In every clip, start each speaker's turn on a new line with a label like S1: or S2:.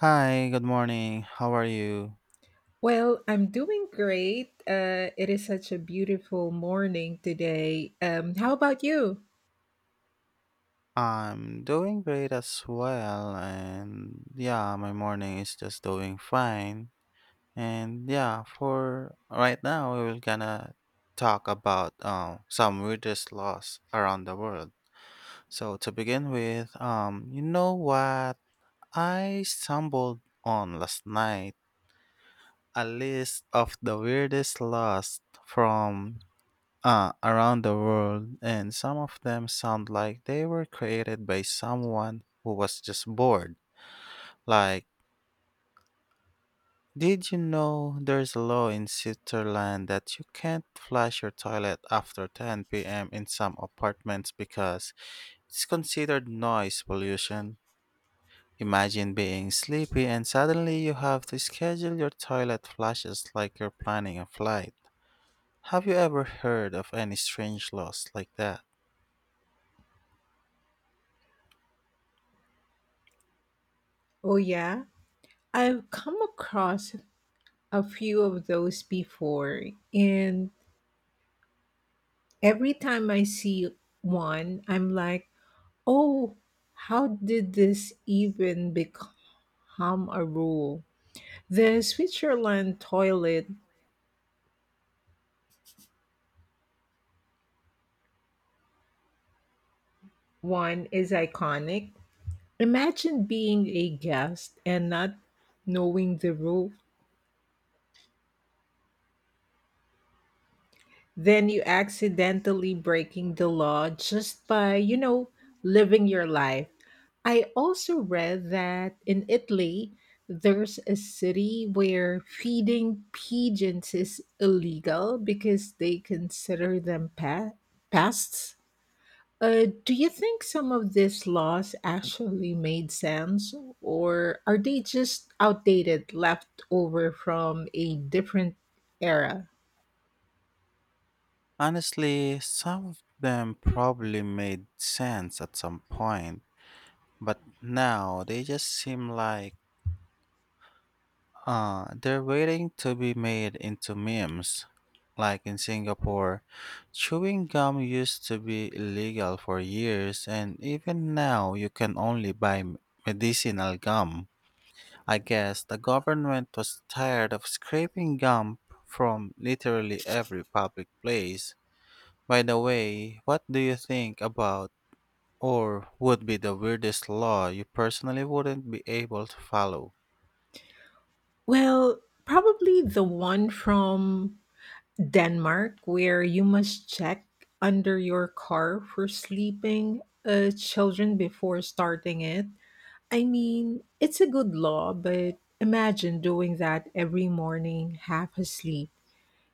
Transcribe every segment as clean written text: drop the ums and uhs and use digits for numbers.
S1: Hi, good morning. How are you?
S2: Well, I'm doing great. It is such a beautiful morning today. How about you?
S1: I'm doing great as well, and yeah, my morning is just doing fine. And yeah, for right now, we will gonna talk about some weirdest laws around the world. So to begin with, you know what? I stumbled on last night a list of the weirdest laws from around the world, and some of them sound like they were created by someone who was just bored. Like, did you know there's a law in Switzerland that you can't flush your toilet after 10 p.m. in some apartments because it's considered noise pollution? Imagine being sleepy and suddenly you have to schedule your toilet flushes like you're planning a flight. Have you ever heard of any strange laws like that?
S2: Oh, yeah. I've come across a few of those before, and every time I see one, I'm like, oh, how did this even become a rule? The Switzerland toilet one is iconic. Imagine being a guest and not knowing the rule. Then you accidentally breaking the law just by, you know, living your life. I also read that in Italy, there's a city where feeding pigeons is illegal because they consider them pests. Do you think some of these laws actually made sense, or are they just outdated, left over from a different era?
S1: Honestly, some of them probably made sense at some point, but now they just seem like they're waiting to be made into memes. Like in Singapore, chewing gum used to be illegal for years, and even now you can only buy medicinal gum. I guess the government was tired of scraping gum from literally every public place. By the way, what do you think about or would be the weirdest law you personally wouldn't be able to follow?
S2: Well, probably the one from Denmark where you must check under your car for sleeping children before starting it. I mean, it's a good law, but imagine doing that every morning, half asleep.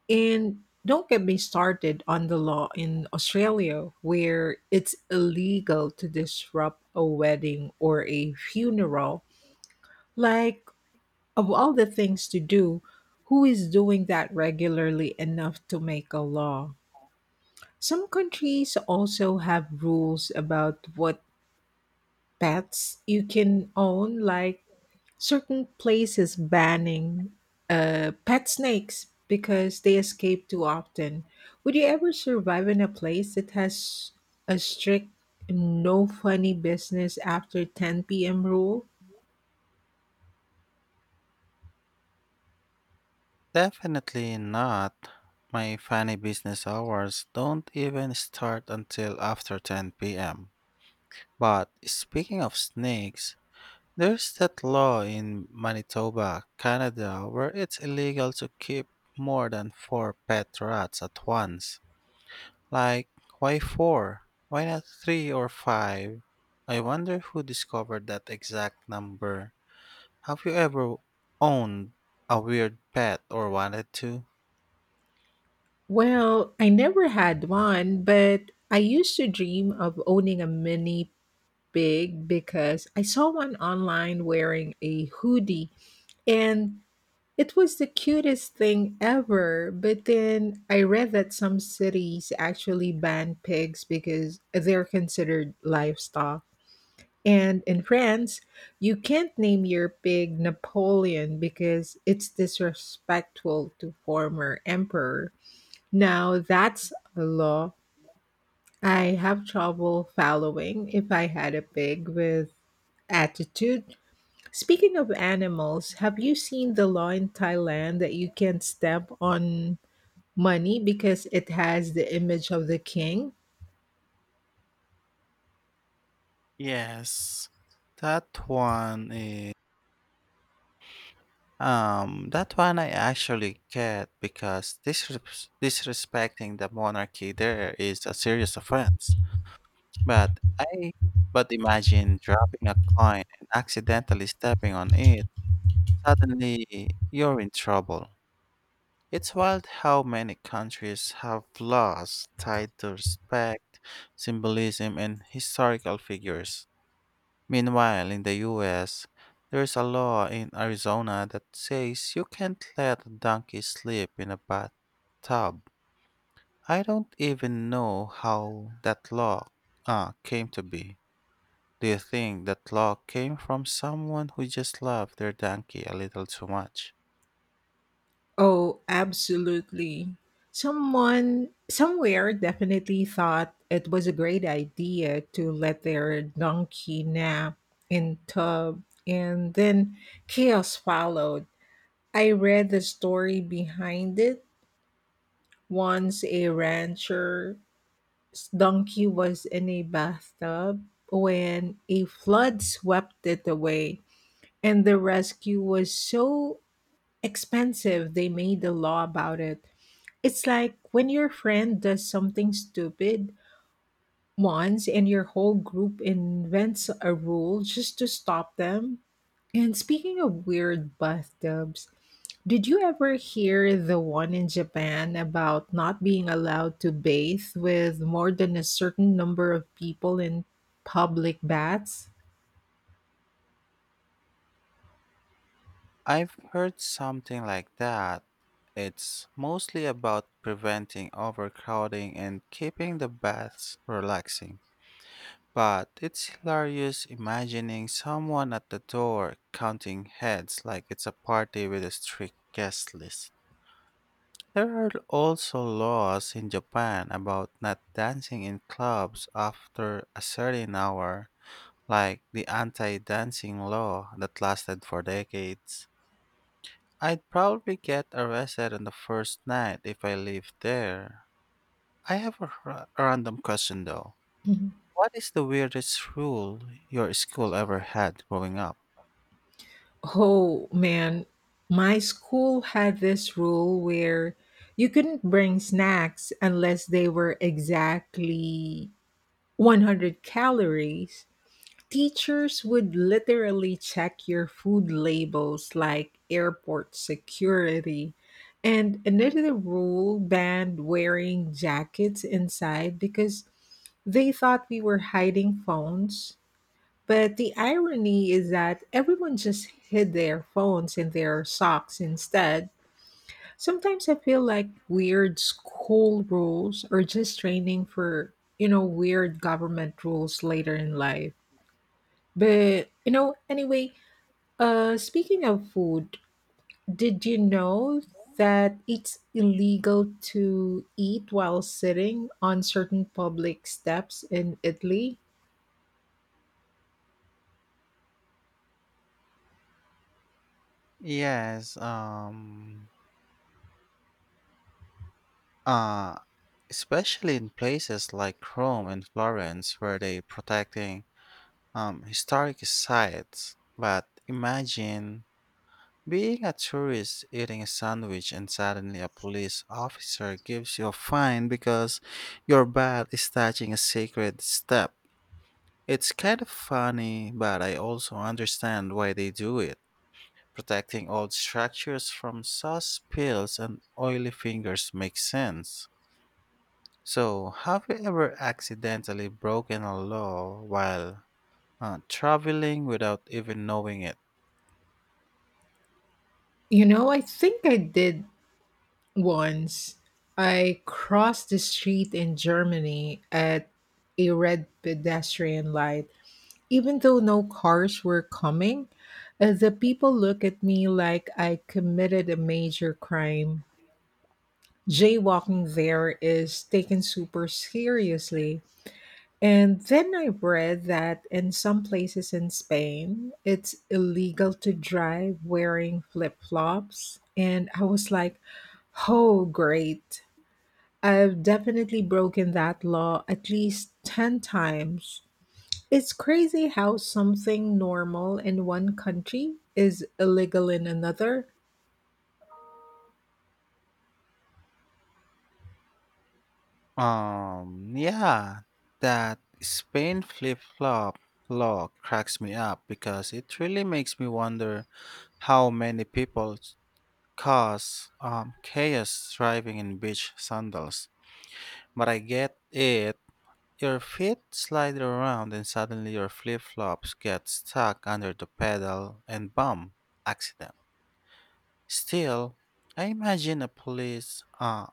S2: And don't get me started on the law in Australia where it's illegal to disrupt a wedding or a funeral. Like, of all the things to do, who is doing that regularly enough to make a law? Some countries also have rules about what pets you can own, like certain places banning pet snakes because they escape too often. Would you ever survive in a place that has a strict no funny business after 10 p.m. rule?
S1: Definitely not. My funny business hours don't even start until after 10 p.m. But speaking of snakes, there's that law in Manitoba, Canada, where it's illegal to keep more than four pet rats at once. Like, why four? Why not three or five? I wonder who discovered that exact number. Have you ever owned a weird pet or wanted to?
S2: Well, I never had one, but I used to dream of owning a mini pig because I saw one online wearing a hoodie and it was the cutest thing ever. But then I read that some cities actually ban pigs because they're considered livestock. And in France, you can't name your pig Napoleon because it's disrespectful to former emperor. Now that's a law I have trouble following if I had a pig with attitude. Speaking of animals, have you seen the law in Thailand that you can stamp on money because it has the image of the king?
S1: Yes. That one is that one I actually get because disrespecting the monarchy there is a serious offense. But I but imagine dropping a coin and accidentally stepping on it. Suddenly you're in trouble. It's wild how many countries have laws tied to respect, symbolism, and historical figures. Meanwhile, in the US, there's a law in Arizona that says you can't let a donkey sleep in a bathtub. I don't even know how that law came to be. Do you think that law came from someone who just loved their donkey a little too much?
S2: Oh, absolutely. Someone somewhere definitely thought it was a great idea to let their donkey nap in tub and then chaos followed. I read the story behind it. Once a rancher's donkey was in a bathtub when a flood swept it away, and the rescue was so expensive they made a law about it. It's like when your friend does something stupid once and your whole group invents a rule just to stop them. And speaking of weird bathtubs, did you ever hear the one in Japan about not being allowed to bathe with more than a certain number of people in public baths?
S1: I've heard something like that. It's mostly about preventing overcrowding and keeping the baths relaxing. But it's hilarious imagining someone at the door counting heads like it's a party with a strict guest list. There are also laws in Japan about not dancing in clubs after a certain hour, like the anti dancing law that lasted for decades. I'd probably get arrested on the first night if I lived there. I have a random question though.
S2: Mhm.
S1: What is the weirdest rule your school ever had growing up?
S2: Oh man, my school had this rule where you couldn't bring snacks unless they were exactly 100 calories. Teachers would literally check your food labels like airport security. And another rule banned wearing jackets inside because they thought we were hiding phones, but the irony is that everyone just hid their phones in their socks instead. Sometimes I feel like weird school rules are just training for weird government rules later in life. But, you know, anyway, speaking of food, did you know that it's illegal to eat while sitting on certain public steps in Italy?
S1: Yes, uh, especially in places like Rome and Florence where they protecting historic sites. But imagine being a tourist eating a sandwich and suddenly a police officer gives you a fine because your bat is touching a sacred step. It's kind of funny, but I also understand why they do it. Protecting old structures from sauce spills and oily fingers makes sense. So, have you ever accidentally broken a law while traveling without even knowing it?
S2: You know, I think I did. Once I crossed the street in Germany at a red pedestrian light. Even though no cars were coming, the people looked at me like I committed a major crime. Jaywalking there is taken super seriously. And then I read that in some places in Spain, it's illegal to drive wearing flip flops. And I was like, oh, great. I've definitely broken that law at least 10 times. It's crazy how something normal in one country is illegal in another.
S1: Yeah, that Spain flip flop law cracks me up because it really makes me wonder how many people cause chaos driving in beach sandals. But I get it. Your feet slide around and suddenly your flip flops get stuck under the pedal and bump. Accident. Still, I imagine a police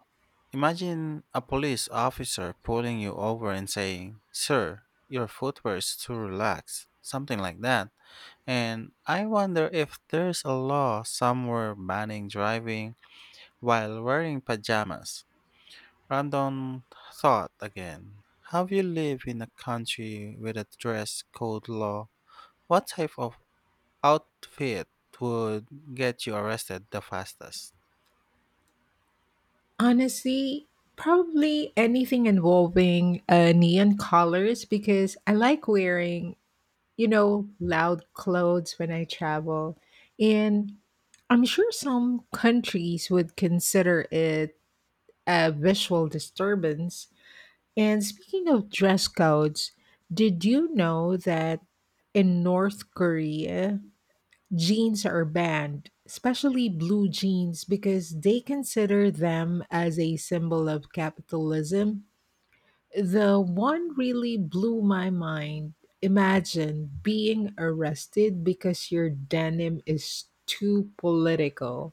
S1: Imagine a police officer pulling you over and saying, Sir, your footwear is too relaxed, something like that. And I wonder if there's a law somewhere banning driving while wearing pajamas. Random thought again. Have you lived in a country with a dress code law? What type of outfit would get you arrested the fastest?
S2: Honestly, probably anything involving neon colors because I like wearing, you know, loud clothes when I travel. And I'm sure some countries would consider it a visual disturbance. And speaking of dress codes, did you know that in North Korea, jeans are banned, especially blue jeans, because they consider them as a symbol of capitalism? The one really blew my mind. Imagine being arrested because your denim is too political.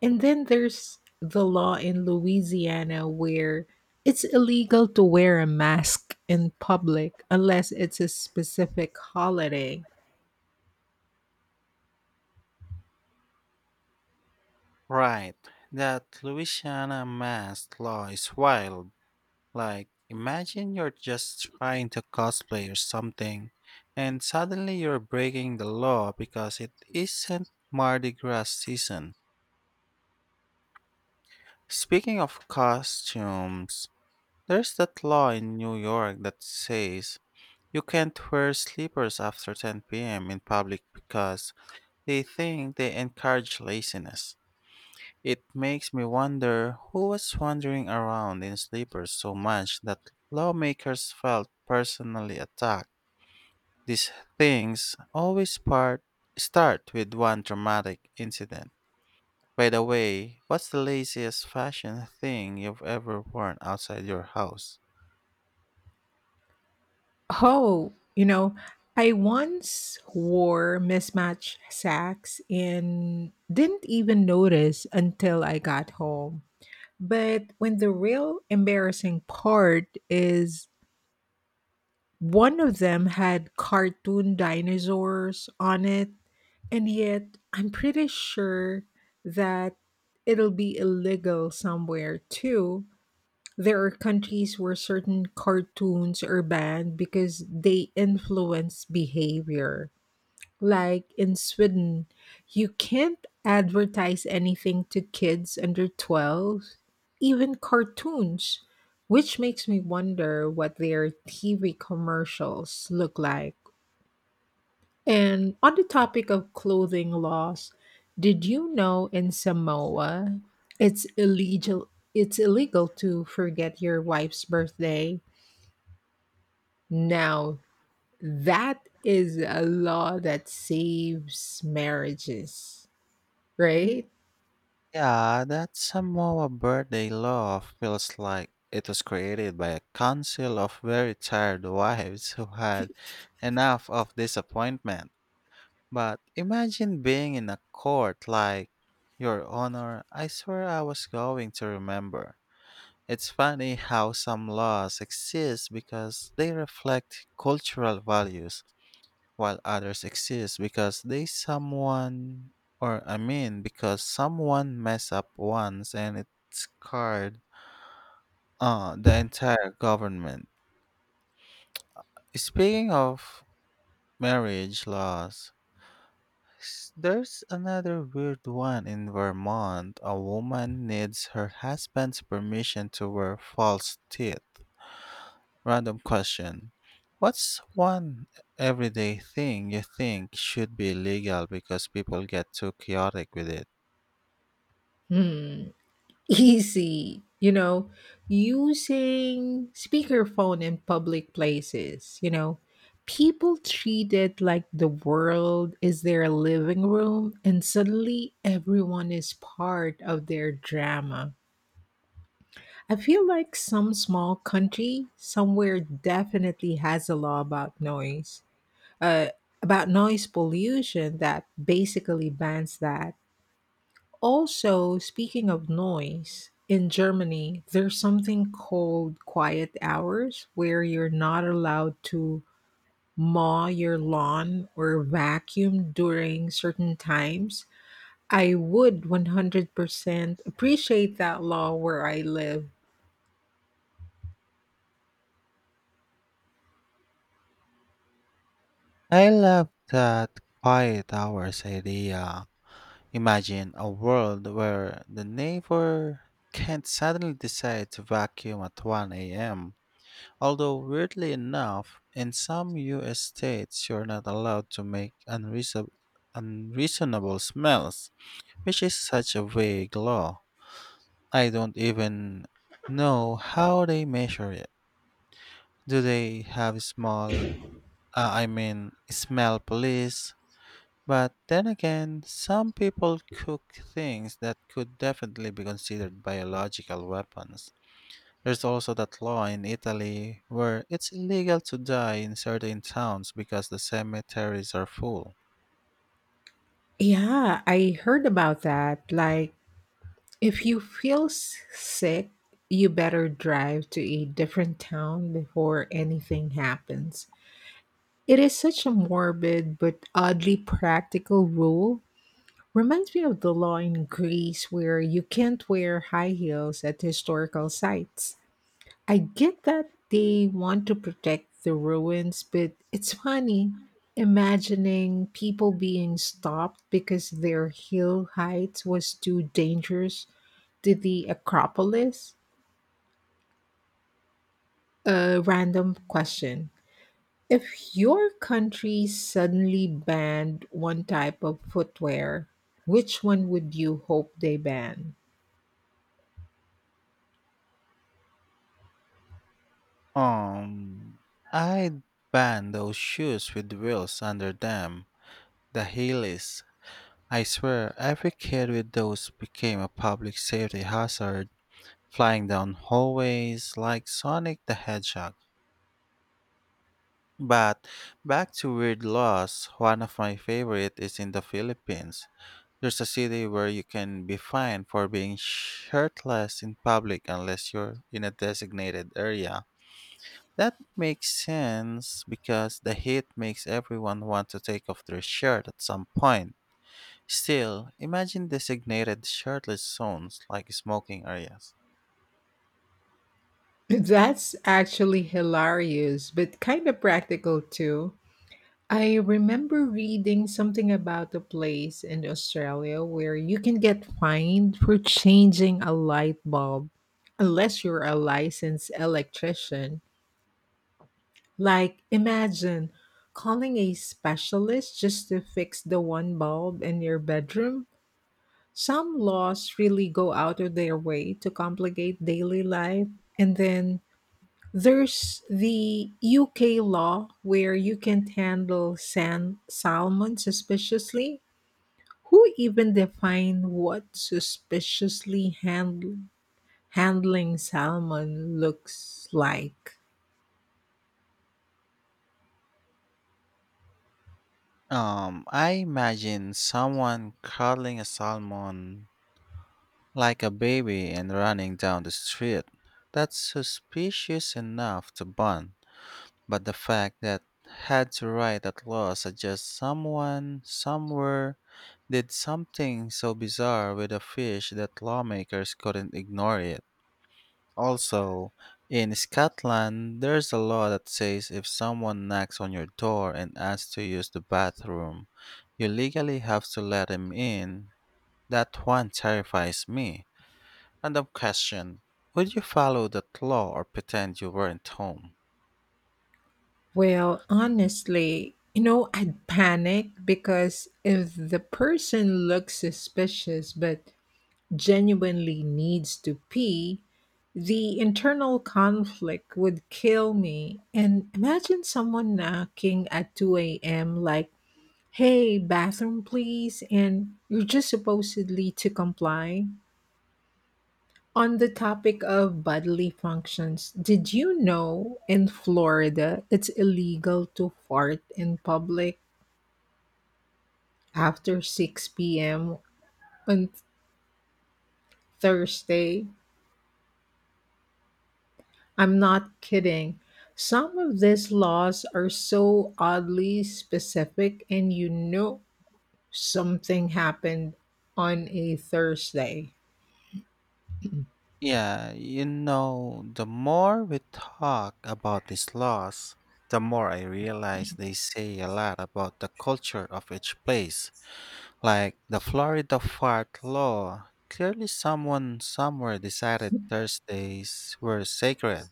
S2: And then there's the law in Louisiana where it's illegal to wear a mask in public unless it's a specific holiday.
S1: Right. That Louisiana mask law is wild. Like, imagine you're just trying to cosplay or something, and suddenly you're breaking the law because it isn't Mardi Gras season. Speaking of costumes, there's that law in New York that says you can't wear slippers after 10 p.m. in public because they think they encourage laziness. It makes me wonder who was wandering around in sleepers so much that lawmakers felt personally attacked. These things always start with one traumatic incident. By the way, what's the laziest fashion thing you've ever worn outside your house?
S2: Oh, you know, I once wore mismatched sacks and didn't even notice until I got home. But when the real embarrassing part is one of them had cartoon dinosaurs on it, and yet I'm pretty sure that it'll be illegal somewhere too. There are countries where certain cartoons are banned because they influence behavior. Like in Sweden, you can't advertise anything to kids under 12, even cartoons, which makes me wonder what their TV commercials look like. And on the topic of clothing laws, did you know in Samoa it's illegal it's illegal to forget your wife's birthday? Now, that is a law that saves marriages, right?
S1: Yeah, that Samoa birthday love feels like it was created by a council of very tired wives who had enough of disappointment. But imagine being in a court like, Your Honor, I swear I was going to remember. It's funny how some laws exist because they reflect cultural values, while others exist because they someone, or I mean, because someone messed up once and it scarred the entire government. Speaking of marriage laws, there's another weird one in Vermont. A woman needs her husband's permission to wear false teeth. Random question. What's one everyday thing you think should be legal because people get too chaotic with it?
S2: Hmm. Easy, you know, using speakerphone in public places, you know. People treat it like the world is their living room, and suddenly everyone is part of their drama. I feel like some small country somewhere definitely has a law about uh, noise pollution that basically bans that. Also, speaking of noise, in Germany, there's something called quiet hours where you're not allowed to mow your lawn or vacuum during certain times. I would 100% appreciate that law where I live.
S1: I love that quiet hours idea. Imagine a world where the neighbor can't suddenly decide to vacuum at 1 a.m. Although, weirdly enough, in some US states you're not allowed to make unreasonable smells, which is such a vague law. I don't even know how they measure it. Do they have I mean, smell police? But then again, some people cook things that could definitely be considered biological weapons. There's also that law in Italy where it's illegal to die in certain towns because the cemeteries are full.
S2: Yeah, I heard about that. Like, if you feel sick, you better drive to a different town before anything happens. It is such a morbid but oddly practical rule. Reminds me of the law in Greece where you can't wear high heels at historical sites. I get that they want to protect the ruins, but it's funny imagining people being stopped because their heel height was too dangerous to the Acropolis. A random question. If your country suddenly banned one type of footwear, which one would you hope they ban?
S1: Um, I'd ban those shoes with wheels under them, the heelys. I swear, every kid with those became a public safety hazard, flying down hallways like Sonic the Hedgehog. But back to weird laws, one of my favorite is in the Philippines. There's a city where you can be fined for being shirtless in public unless you're in a designated area. That makes sense because the heat makes everyone want to take off their shirt at some point. Still, imagine designated shirtless zones like smoking areas.
S2: That's actually hilarious, but kind of practical too. I remember reading something about a place in Australia where you can get fined for changing a light bulb unless you're a licensed electrician. Like, imagine calling a specialist just to fix the one bulb in your bedroom. Some laws really go out of their way to complicate daily life. And then there's the UK law where you can't handle salmon suspiciously. Who even define what suspiciously handling salmon looks like?
S1: I imagine someone cuddling a salmon like a baby and running down the street. That's suspicious enough to bun. But the fact that had to write that law suggests someone, somewhere, did something so bizarre with a fish that lawmakers couldn't ignore it. Also, in Scotland, there's a law that says if someone knocks on your door and asks to use the bathroom, you legally have to let him in. That one terrifies me. Random question. Would you follow that law or pretend you weren't home?
S2: Well, honestly, you know, I'd panic because if the person looks suspicious but genuinely needs to pee, the internal conflict would kill me. And imagine someone knocking at 2 a.m. like, hey, bathroom, please, and you're just supposedly to comply. On the topic of bodily functions, did you know in Florida it's illegal to fart in public after 6 p.m. on Thursday? I'm not kidding. Some of these laws are so oddly specific, and you know something happened on a Thursday.
S1: Yeah, the more we talk about these laws, the more I realize they say a lot about the culture of each place. Like the Florida fart law, clearly someone somewhere decided Thursdays were sacred.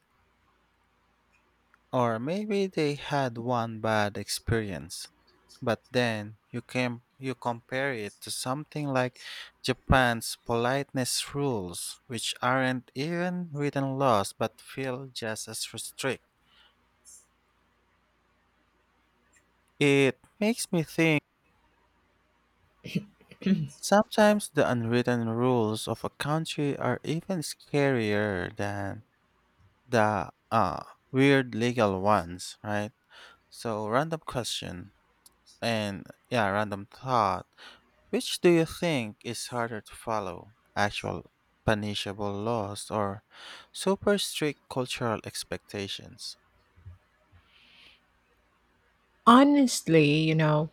S1: Or maybe they had one bad experience. But then you compare it to something like Japan's politeness rules, which aren't even written laws but feel just as strict. It makes me think sometimes the unwritten rules of a country are even scarier than the weird legal ones, right? So random question and yeah, random thought. Which do you think is harder to follow? Actual punishable laws or super strict cultural expectations?
S2: Honestly, you know,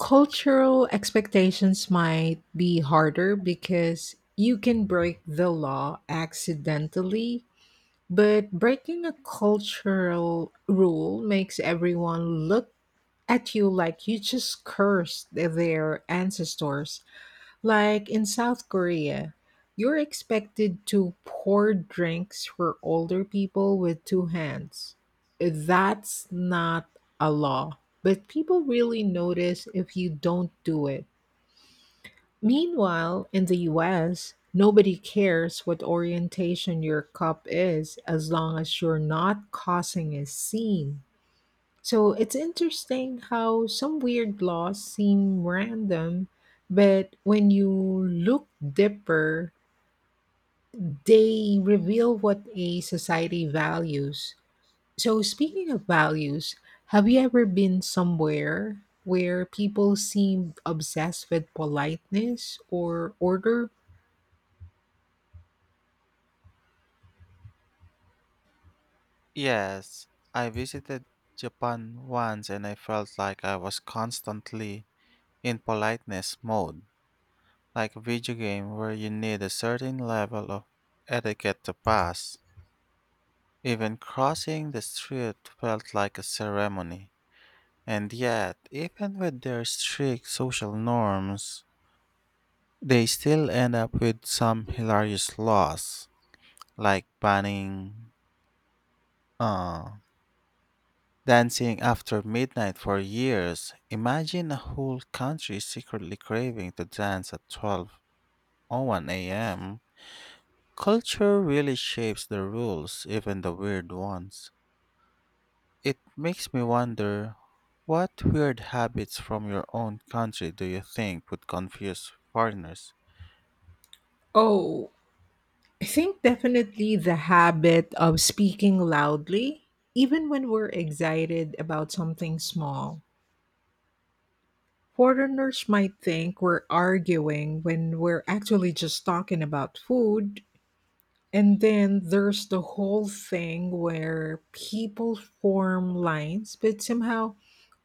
S2: cultural expectations might be harder because you can break the law accidentally, but breaking a cultural rule makes everyone look at you like you just cursed their ancestors. Like in South Korea, you're expected to pour drinks for older people with two hands. That's not a law, but people really notice if you don't do it. Meanwhile, in the US, nobody cares what orientation your cup is as long as you're not causing a scene. So it's interesting how some weird laws seem random, but when you look deeper, they reveal what a society values. So, speaking of values, have you ever been somewhere where people seemed obsessed with politeness or order?
S1: Yes, I visited Japan once and I felt like I was constantly in politeness mode, like a video game where you need a certain level of etiquette to pass. Even crossing the street felt like a ceremony. And yet, even with their strict social norms, they still end up with some hilarious laws, like banning uh, dancing after midnight for years. Imagine a whole country secretly craving to dance at 12:01 a.m. Culture really shapes the rules, even the weird ones. It makes me wonder what weird habits from your own country do you think would confuse foreigners?
S2: Oh, I think definitely the habit of speaking loudly, even when we're excited about something small. Foreigners might think we're arguing when we're actually just talking about food. And then there's the whole thing where people form lines, but somehow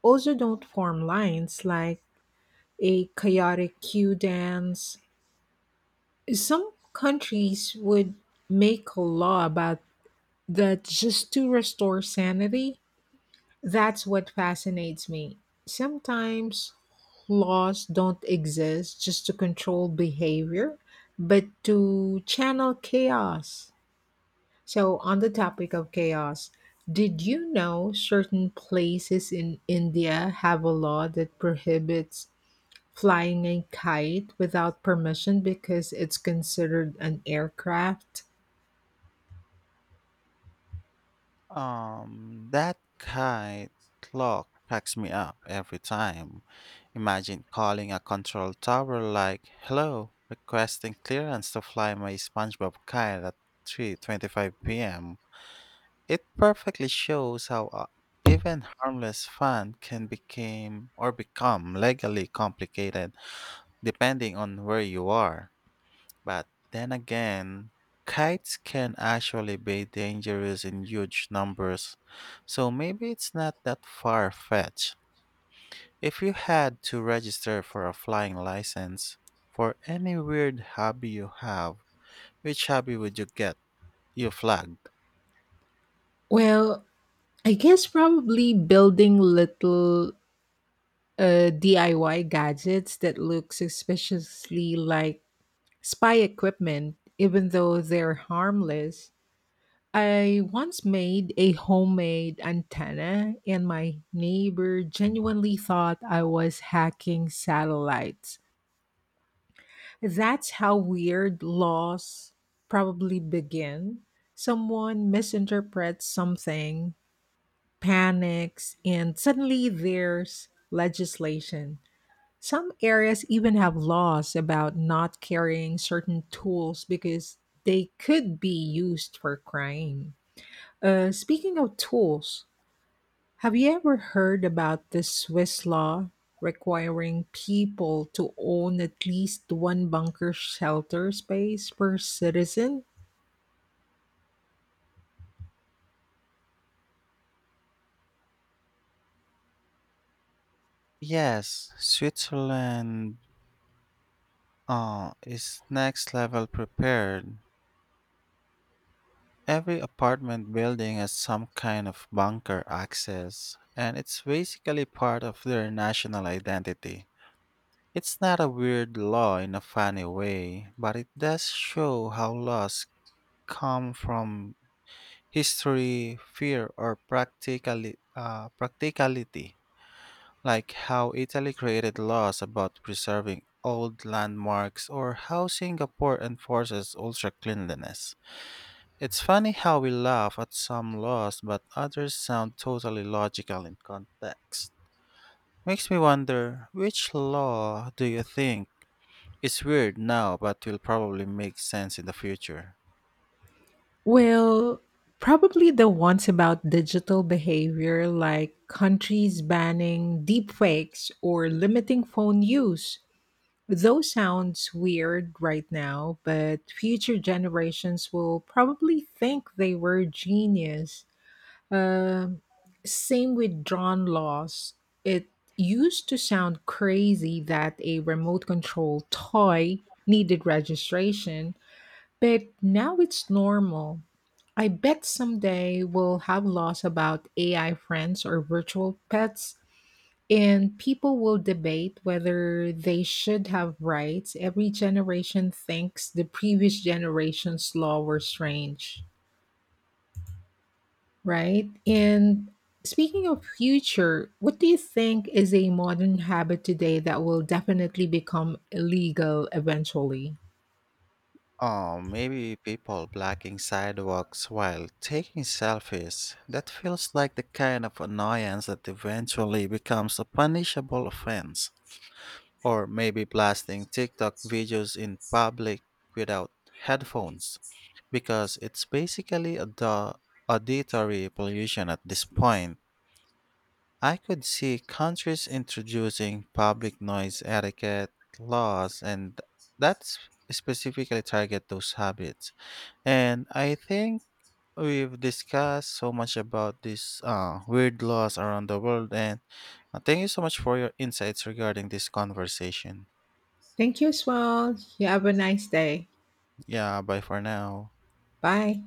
S2: also don't form lines like a chaotic queue dance. Some countries would make a law about that just to restore sanity. That's what fascinates me. Sometimes laws don't exist just to control behavior, but to channel chaos. So, on the topic of chaos, did you know certain places in India have a law that prohibits flying a kite without permission because it's considered an aircraft?
S1: That kite clock cracks me up every time. Imagine calling a control tower like, "Hello, requesting clearance to fly my SpongeBob kite at 3:25 p.m." It perfectly shows how even harmless fun can become legally complicated depending on where you are. But then again, kites can actually be dangerous in huge numbers, so maybe it's not that far fetched. If you had to register for a flying license for any weird hobby you have, which hobby would you get? You flagged.
S2: Well, I guess probably building little DIY gadgets that look suspiciously like spy equipment, even though they're harmless. I once made a homemade antenna, and my neighbor genuinely thought I was hacking satellites. That's how weird laws probably begin. Someone misinterprets something, panics, and suddenly there's legislation. Some areas even have laws about not carrying certain tools because they could be used for crime. Speaking of tools, have you ever heard about the Swiss law requiring people to own at least one bunker shelter space per citizen?
S1: Yes, Switzerland is next level prepared. Every apartment building has some kind of bunker access, and it's basically part of their national identity. It's not a weird law in a funny way, but it does show how laws come from history, fear, or practicality, like how Italy created laws about preserving old landmarks or how Singapore enforces ultra cleanliness. It's funny how we laugh at some laws but others sound totally logical in context. Makes me wonder which law do you think is weird now but will probably make sense in the future?
S2: Well, probably the ones about digital behavior, like countries banning deepfakes or limiting phone use. Those sounds weird right now, but future generations will probably think they were genius. Um, Same with drawn laws. It used to sound crazy that a remote control toy needed registration, but now it's normal. I bet someday we'll have laws about AI friends or virtual pets and people will debate whether they should have rights. Every generation thinks the previous generation's law were strange, right? And speaking of future, what do you think is a modern habit today that will definitely become illegal eventually?
S1: Oh, maybe people blocking sidewalks while taking selfies. That feels like the kind of annoyance that eventually becomes a punishable offense. Or maybe blasting TikTok videos in public without headphones, because it's basically auditory pollution at this point. I could see countries introducing public noise etiquette laws, and that's specifically target those habits. And I think we've discussed so much about these weird laws around the world, and thank you so much for your insights regarding this conversation.
S2: Thank you as well. You have a nice day.
S1: Yeah, bye for now.
S2: Bye.